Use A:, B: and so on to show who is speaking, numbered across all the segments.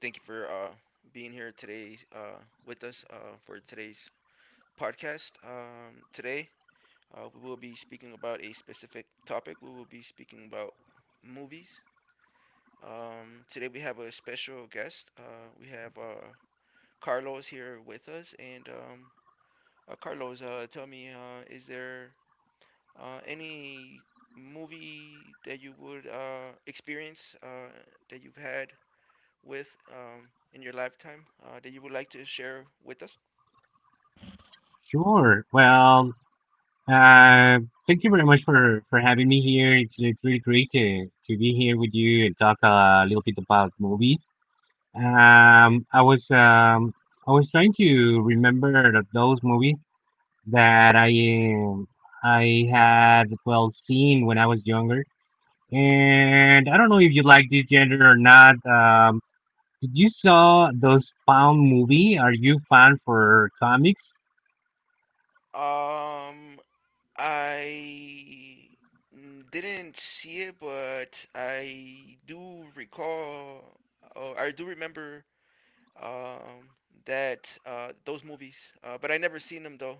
A: thank you for being here today with us for today's podcast. Today we will be speaking about a specific topic. We will be speaking about movies. Today we have a special guest. We have Carlos here with us, and Carlos, tell me, is there any movie that you would experience that you've had with in your lifetime that you would like to share with us?
B: Sure. Well, uh, thank you very much for having me here. It's really great to be here with you and talk a little bit about movies. Um, I was um I was trying to remember those movies that I had well seen when I was younger, and I don't know if you like this genre or not. Did you saw those found movie? Are you fan for comics?
A: Um, I didn't see it, but I do recall, or I do remember, um, that those movies, but I never seen them though.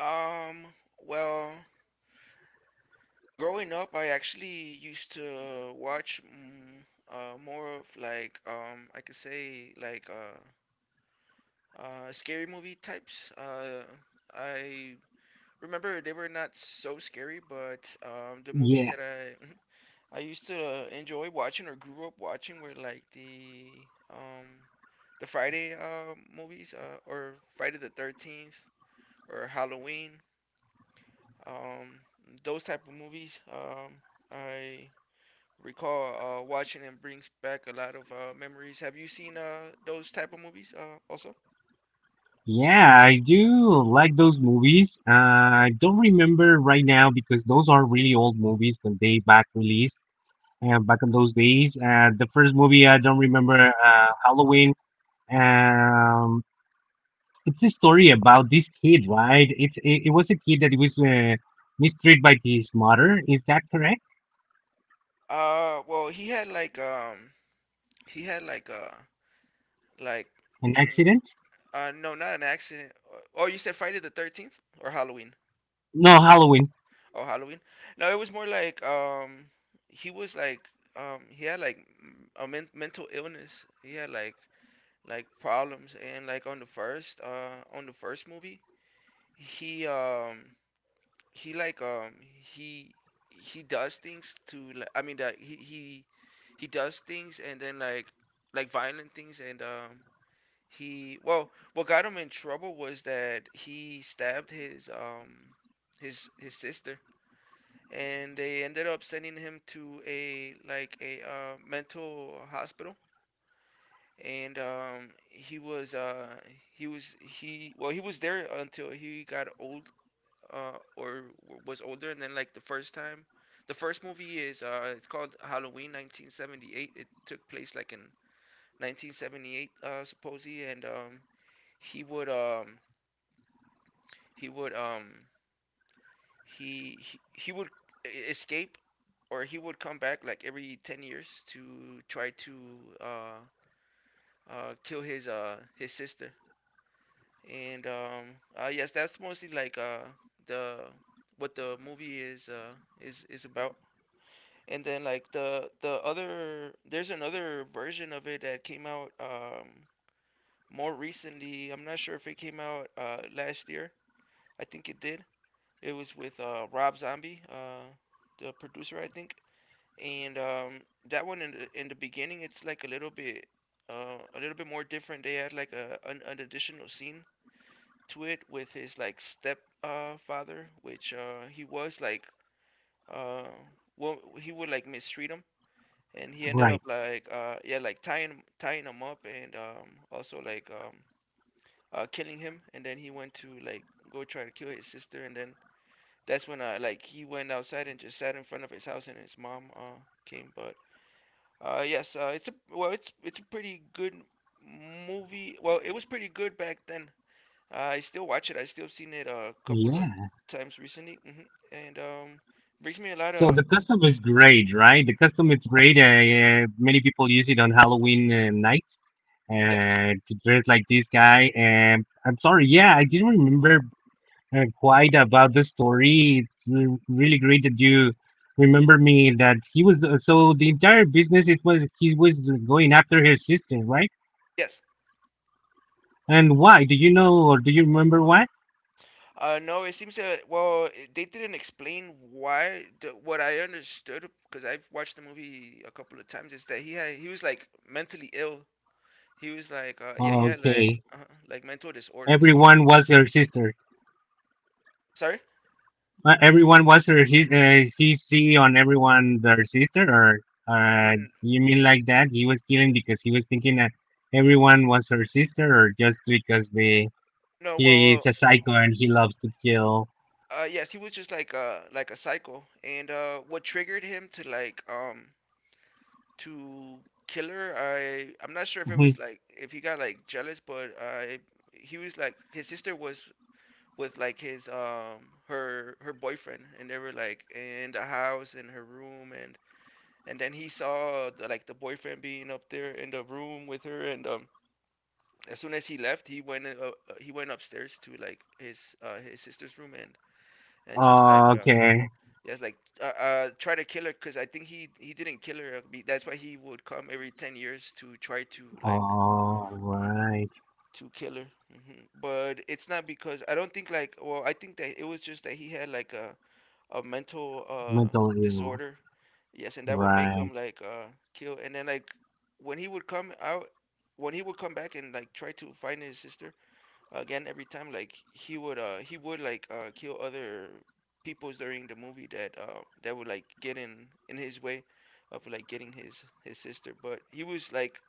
A: Um, well, growing up, I actually used to watch more of like, I could say like, scary movie types. I remember they were not so scary, but the movies that I I used to enjoy watching or grew up watching were like the, um, the Friday movies, or Friday the 13th or Halloween. Um, those type of movies. I recall watching and brings back a lot of memories. Have you seen those type of movies also? Well, he had like, he had like, like mm, no, not an accident. Oh, you said Friday the 13th or Halloween? Oh, Halloween. No, it was more like, he was like, he had like mental illness. He had like problems, and like on the first movie, he um, he like he he does things to, like, I mean that he does things and then like violent things, and he, well, what got him in trouble was that he stabbed his sister, and they ended up sending him to a, like a, mental hospital, and he was, he was he well, he was there until he got old, was older, and then like the first time, the first movie is, it's called Halloween 1978. It took place like in 1978, supposedly, and he would, he would um, he would escape, or he would come back like every 10 years to try to uh, kill his, his sister. And yes, that's mostly like the, what the movie is, is about. And then like there's another version of it that came out more recently. I'm not sure if it came out last year. I think it did. It was with Rob Zombie, the producer, I think. And that one, in the beginning, it's like a little bit, a little bit more different. They had like a an additional scene to it with his like step father, which he was like, uh well, he would like mistreat him, and he ended up like, like tying him up and also like, killing him, and then he went to like go try to kill his sister, and then that's when, like he went outside and just sat in front of his house, and his mom came. But yes, it's a, well, it's a pretty good movie. Well, it was pretty good back then. I still watch it. I still seen it a couple of times recently. And brings me a lot of, yes, yes. No, it seems that, well, they didn't explain why. What I understood, because I've watched the movie a couple of times, is that he was like mentally ill. He was like, he had like, like mental disorders. Sorry? N- no, well, yes, he was just like, like a psycho, and what triggered him to like, to kill her? I'm not sure if it was like if he got like jealous, but he was like, his sister was with like his, her, boyfriend, and they were like in the house, in her room, and then he saw the, like the boyfriend being up there in the room with her, and as soon as he left, he went, he went upstairs to like his, his sister's room, and just like, yes, like, try to kill her, because I think he, didn't kill her, that's why he would come every 10 years to try to like, mhm, to kill her. But it's not, because I don't think, like, well, I think that it was just that he had like a mental disorder. Yes, and that would make him like kill. And then like, when he would come out, when he would come back and like try to find his sister again every time, like he would, like, kill other peoples during the movie that, that would like get in his way of like getting his, sister. But he was like,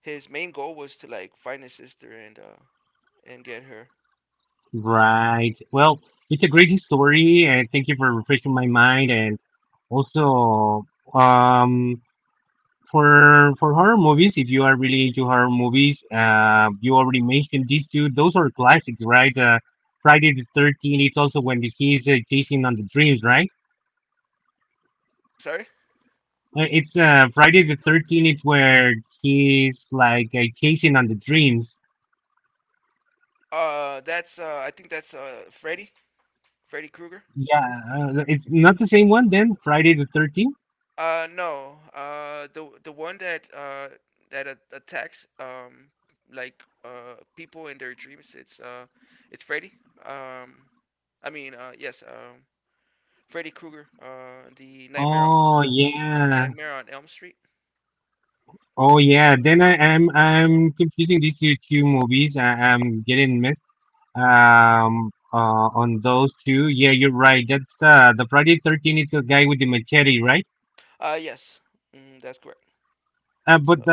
A: his main goal was to like find his sister, and get her. Sorry? That's, I think that's, Freddy, Freddy Krueger. No. The one that, attacks, like, people in their dreams. It's Freddy. Um, I mean, yes, Freddy Krueger. The Nightmare Nightmare on Elm Street. Yes. That's correct. It's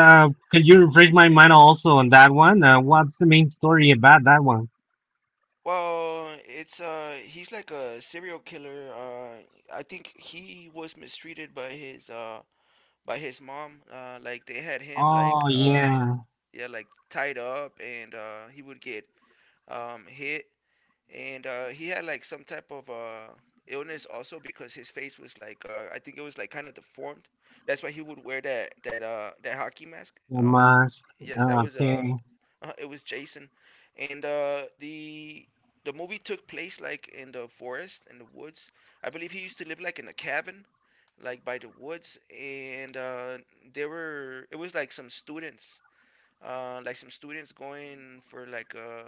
A: Well, it's he's like a serial killer. I think he was mistreated by his, by his mom. Like, they had him like, yeah, like tied up, and he would get, hit, and he had like some type of illness also, because his face was like, I think it was like kind of deformed. That's why he would wear that hockey mask. Yes, that was, it was Jason, and the movie took place like in the forest, in the woods. I believe he used to live like in a cabin, like by the woods, and there were, it was like some students, like some students going for like a,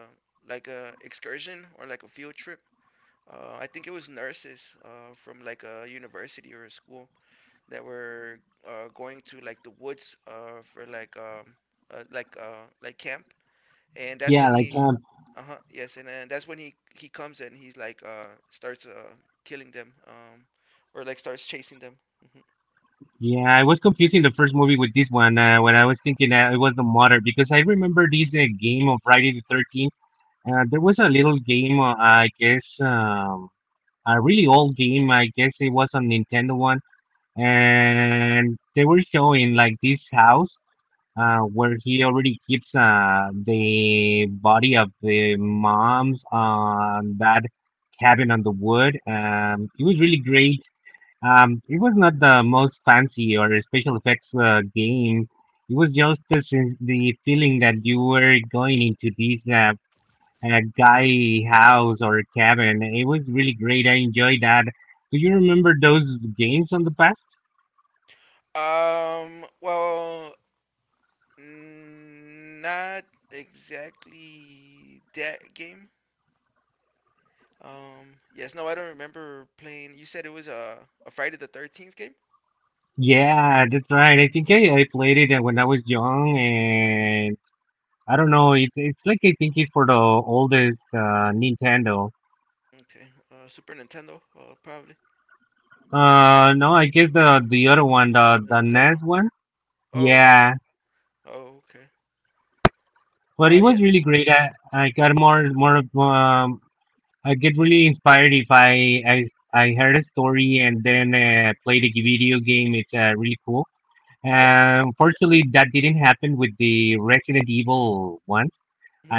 A: like a excursion or like a field trip. I think it was nurses, from like a university or a school, that were, going to like the woods, for like, like, like camp, and that's when he, uh huh, yes, and then that's when he comes, and he's like, starts, killing them, or like starts chasing them. Mhm. Well, not exactly that game. Yes, no, I don't remember playing. You said it was a Friday the 13th game? Okay. Super Nintendo, probably. The Nintendo? Oh, okay. Oh, okay. Yeah, yes. Mhm.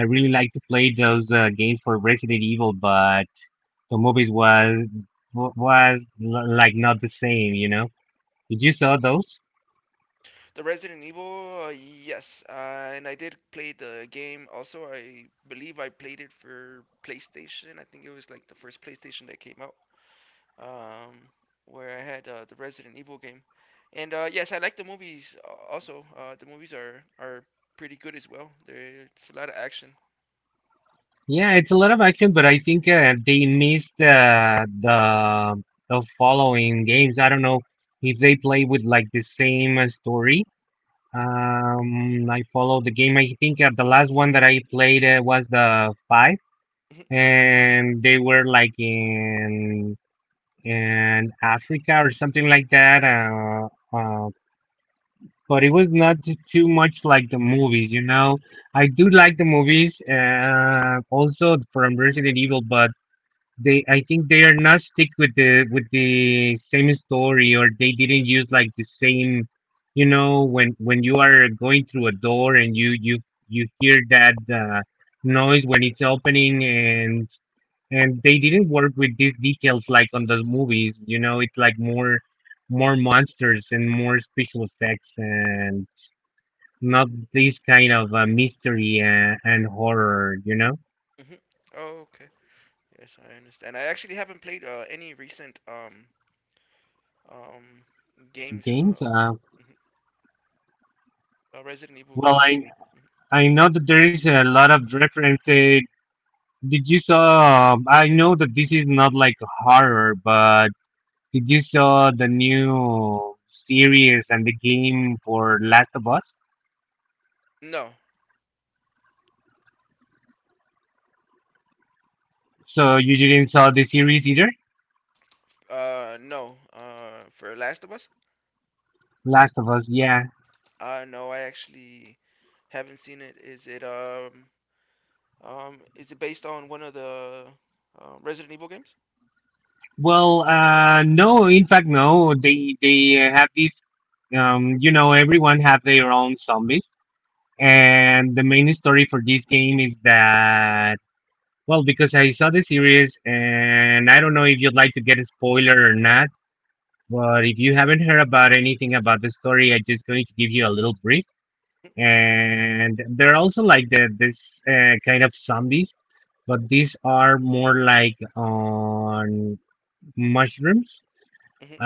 A: The Resident Evil, yes. And I did play the game. Also, I believe I played it for PlayStation. I think it was like the first PlayStation that came out, um, where I had, the Resident Evil game, and yes, I like the movies a- also. The movies are pretty good as well. There's a lot of action. Hmm. Hmm. Oh, okay. Yes, I understand. I actually haven't played any recent, um games, mhm, Resident Evil games. Mhm. No, no. For Last of Us, no, I actually haven't seen it. Is it, is it based on one of the, Resident Evil games? Hmm. Hmm.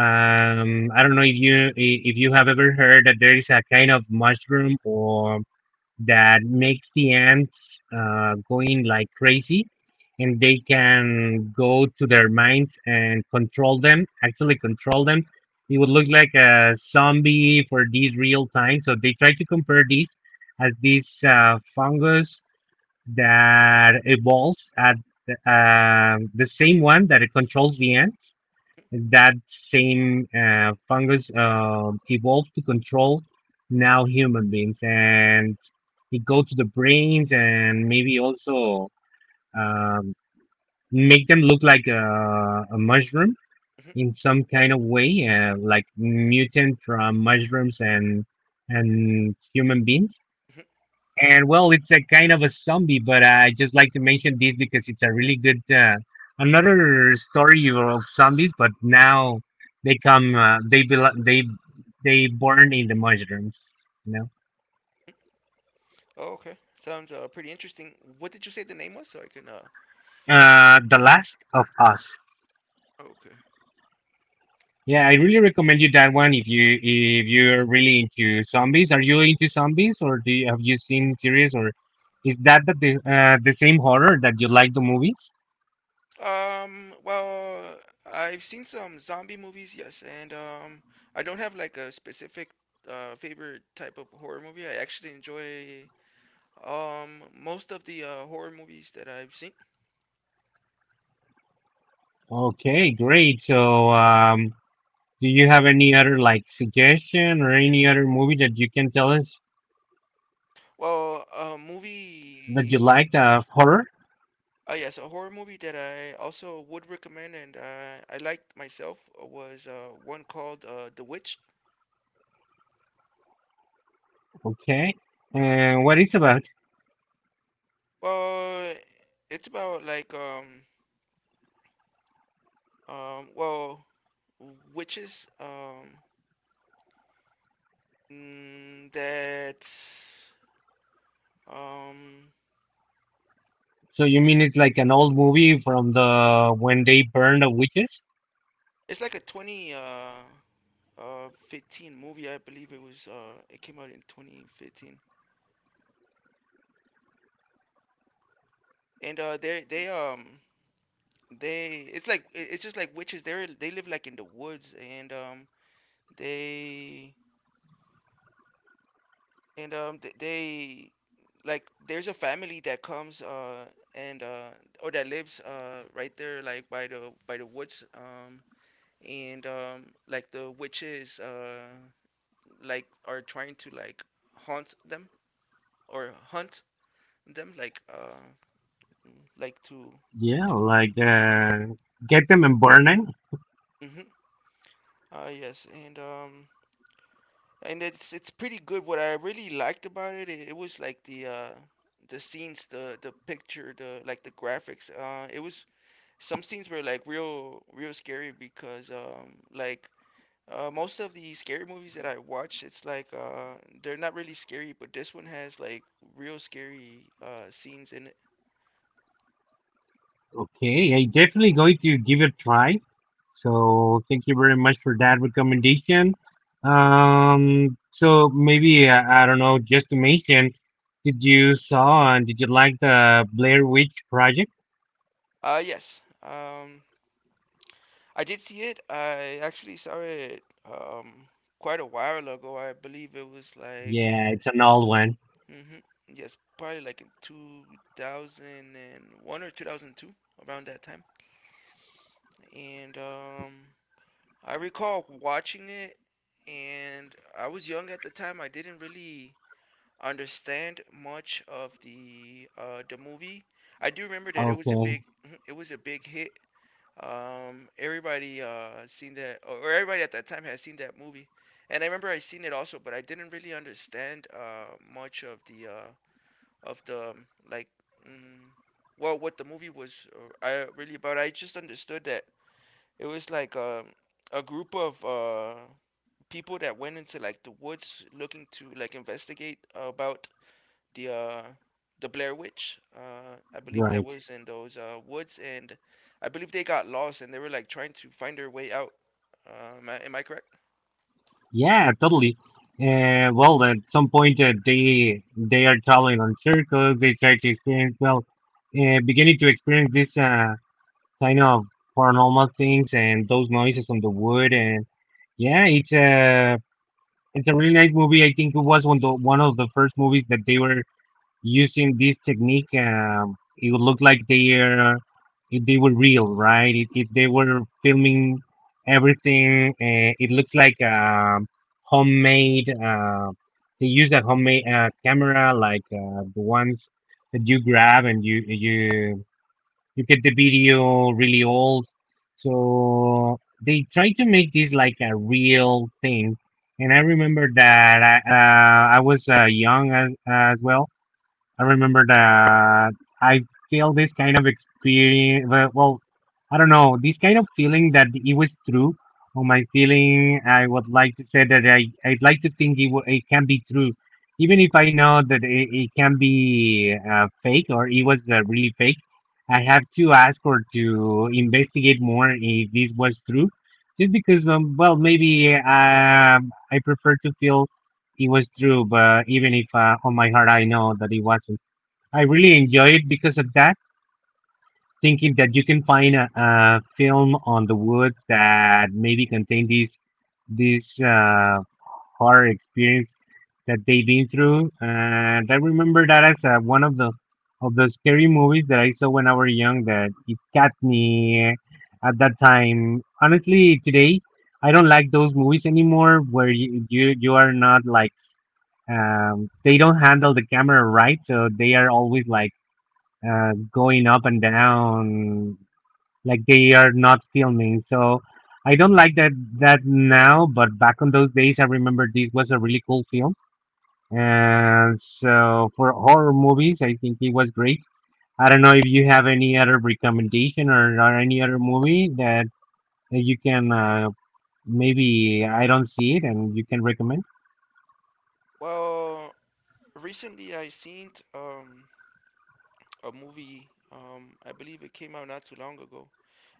A: Hmm. Oh, okay. Sounds, pretty interesting. What did you say the name was so I can, okay. Well, I've seen some zombie movies, yes, and I don't have like a specific, favorite type of horror movie. I actually enjoy, most of the, horror movies that I've seen. Well, a movie, yes, a horror movie that I also would recommend and I liked myself, was one called The Witch. Well, it's about like, well, witches. Mm, that um, it's like a twenty fifteen movie. I believe it was, it came out in 2015. And they it's like, it's just like witches. They live like in the woods, and they and they, like, there's a family that comes, and or that lives right there, like by the, woods, and like the witches, like are trying to like, haunt them or hunt them, like, like to mm-hmm. Yes. and And it's pretty good. What I really liked about it was like the scenes, the picture, the, like, the graphics. It was, some scenes were like real scary because most of the scary movies that I watch, it's like they're not really scary, but this one has like real scary scenes in it. Yes. I did see it. I actually saw it um quite a while ago. I believe it was like mm-hmm, yes, probably like in 2001 or 2002, around that time. And I recall watching it, and I was young at the time. I didn't really understand much of the movie. I do remember that it was a big mhm, it was a big hit. Everybody seen that, or everybody at that time had seen that movie, and I remember I seen it also, but I didn't really understand much of the like mm, well what the movie was I really about. I just understood that it was like a group of people that went into, like, the woods looking to, like, investigate about the uh the Blair Witch. I believe that was in those woods, and I believe they got lost, and they were, like, trying to find their way out. Am I correct? Well, recently I seen a movie. I believe it came out not too long ago,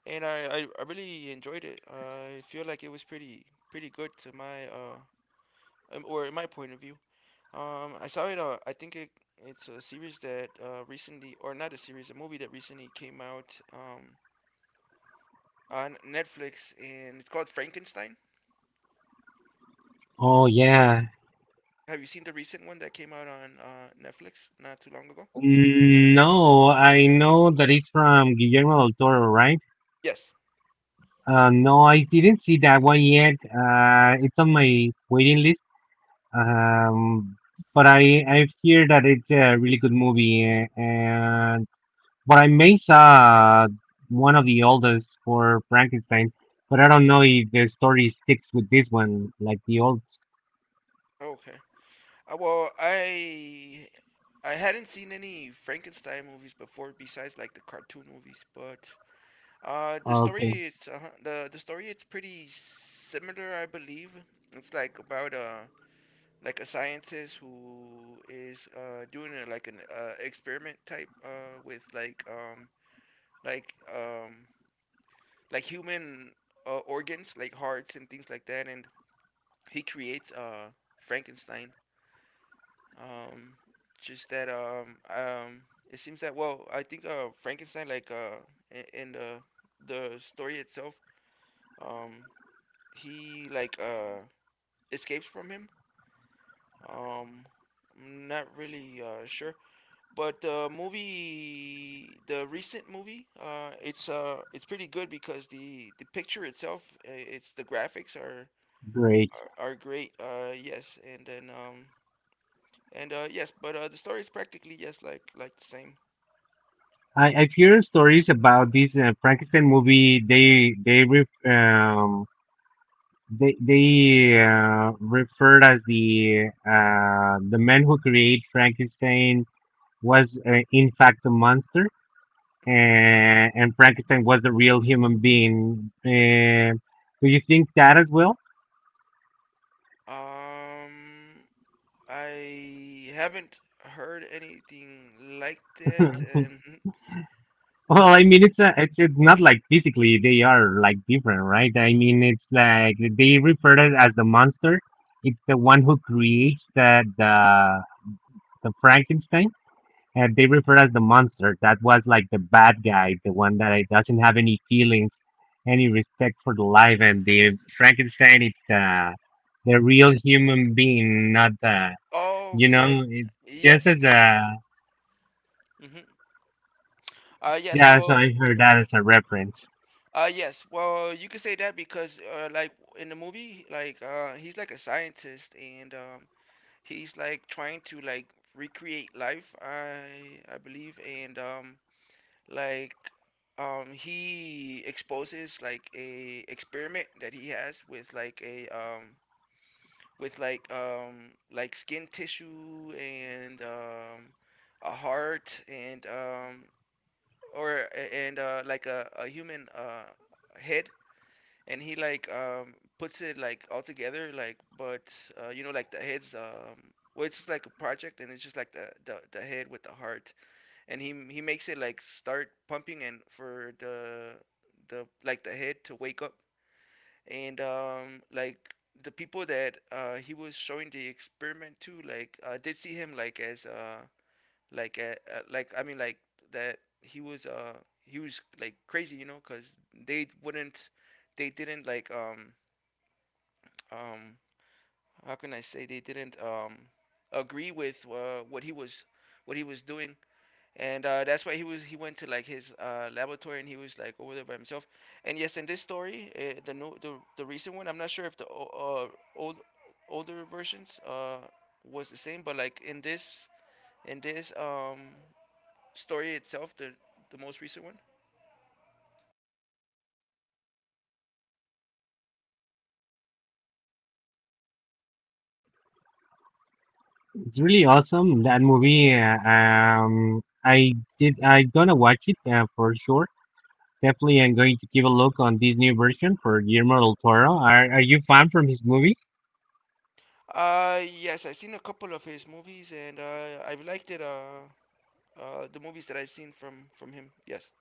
A: and I really enjoyed it. I feel like it was pretty good to my or in my point of view. I saw it. I think it's a series that recently, or not a series, a movie that recently came out on Netflix, and it's called Frankenstein. Have you seen the recent one that came out on Netflix not too long ago? Yes. Okay. Well, I hadn't seen any Frankenstein movies before, besides like the cartoon movies. But the story it's the story it's pretty similar, I believe. It's like about a, like, a scientist who is doing a, like an experiment type with like um like human organs, like hearts and things like that, and he creates Frankenstein. Um just that It seems that, well, I think Frankenstein, in the story itself, um he like escapes from him. um I'm not really sure. But the movie, the recent movie, it's pretty good because the picture itself, it's the graphics are great. Yes, and then and yes, but the story is practically, yes, like the same. Um, I haven't heard anything like that, and okay, yes, hmm yes. Well, yes, well, you could say that because like in the movie, like, he's like a scientist, and he's like trying to, like, recreate life, I believe, and like he exposes like a experiment that he has with like a with like, like, skin tissue, and a heart, and like a human head. And he, like, puts it, like, all together, like, but you know, like, the heads, well, it's just like a project, and it's just like the head with the heart, and he makes it, like, start pumping, and for the, like, the head to wake up. And the people that he was showing the experiment to, did see him like as like a, like I mean like that he was like crazy, you know, cuz they wouldn't, they didn't um, how can I say, they didn't agree with what he was, what he was doing, and that's why he went to like his laboratory, and he was like over there by himself. And yes, in this story, the new the recent one, I'm not sure if the old, older versions was the same, but like in this, in this story itself, the most recent one.
B: It's really awesome that movie. I did. I'm gonna watch it for sure. Definitely, I'm going to give a look on this new version for Guillermo del Toro. Are you fan from his movies?
A: Yes, I've seen a couple of his movies, and I've liked it. The movies that I've seen from him. Yes.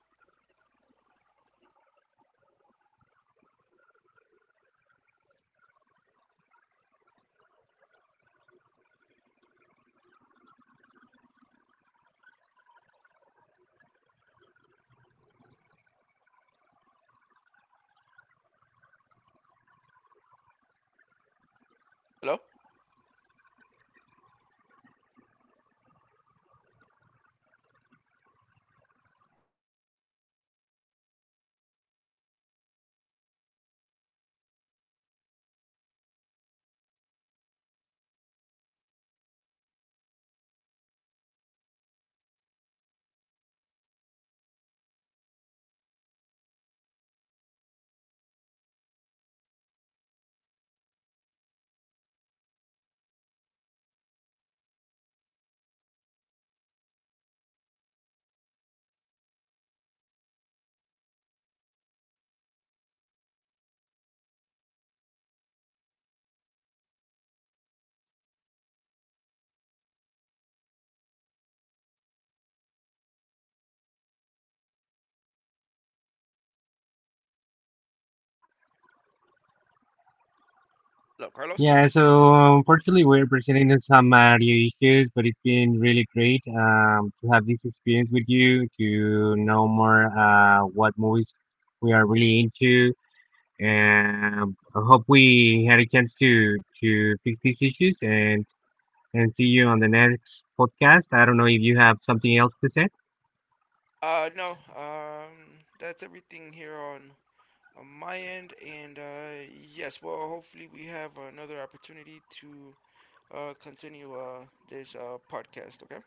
A: Hello? Hello, Carlos?
B: Yeah, so unfortunately we're presenting some audio issues, but it's been really great to have this experience with you, to know more what movies we are really into. And I hope we had a chance to fix these issues and see you on the next podcast. I don't know if you have something else to say.
A: No. That's everything here on my end, and yes. Well, hopefully we have another opportunity to continue this podcast. Okay.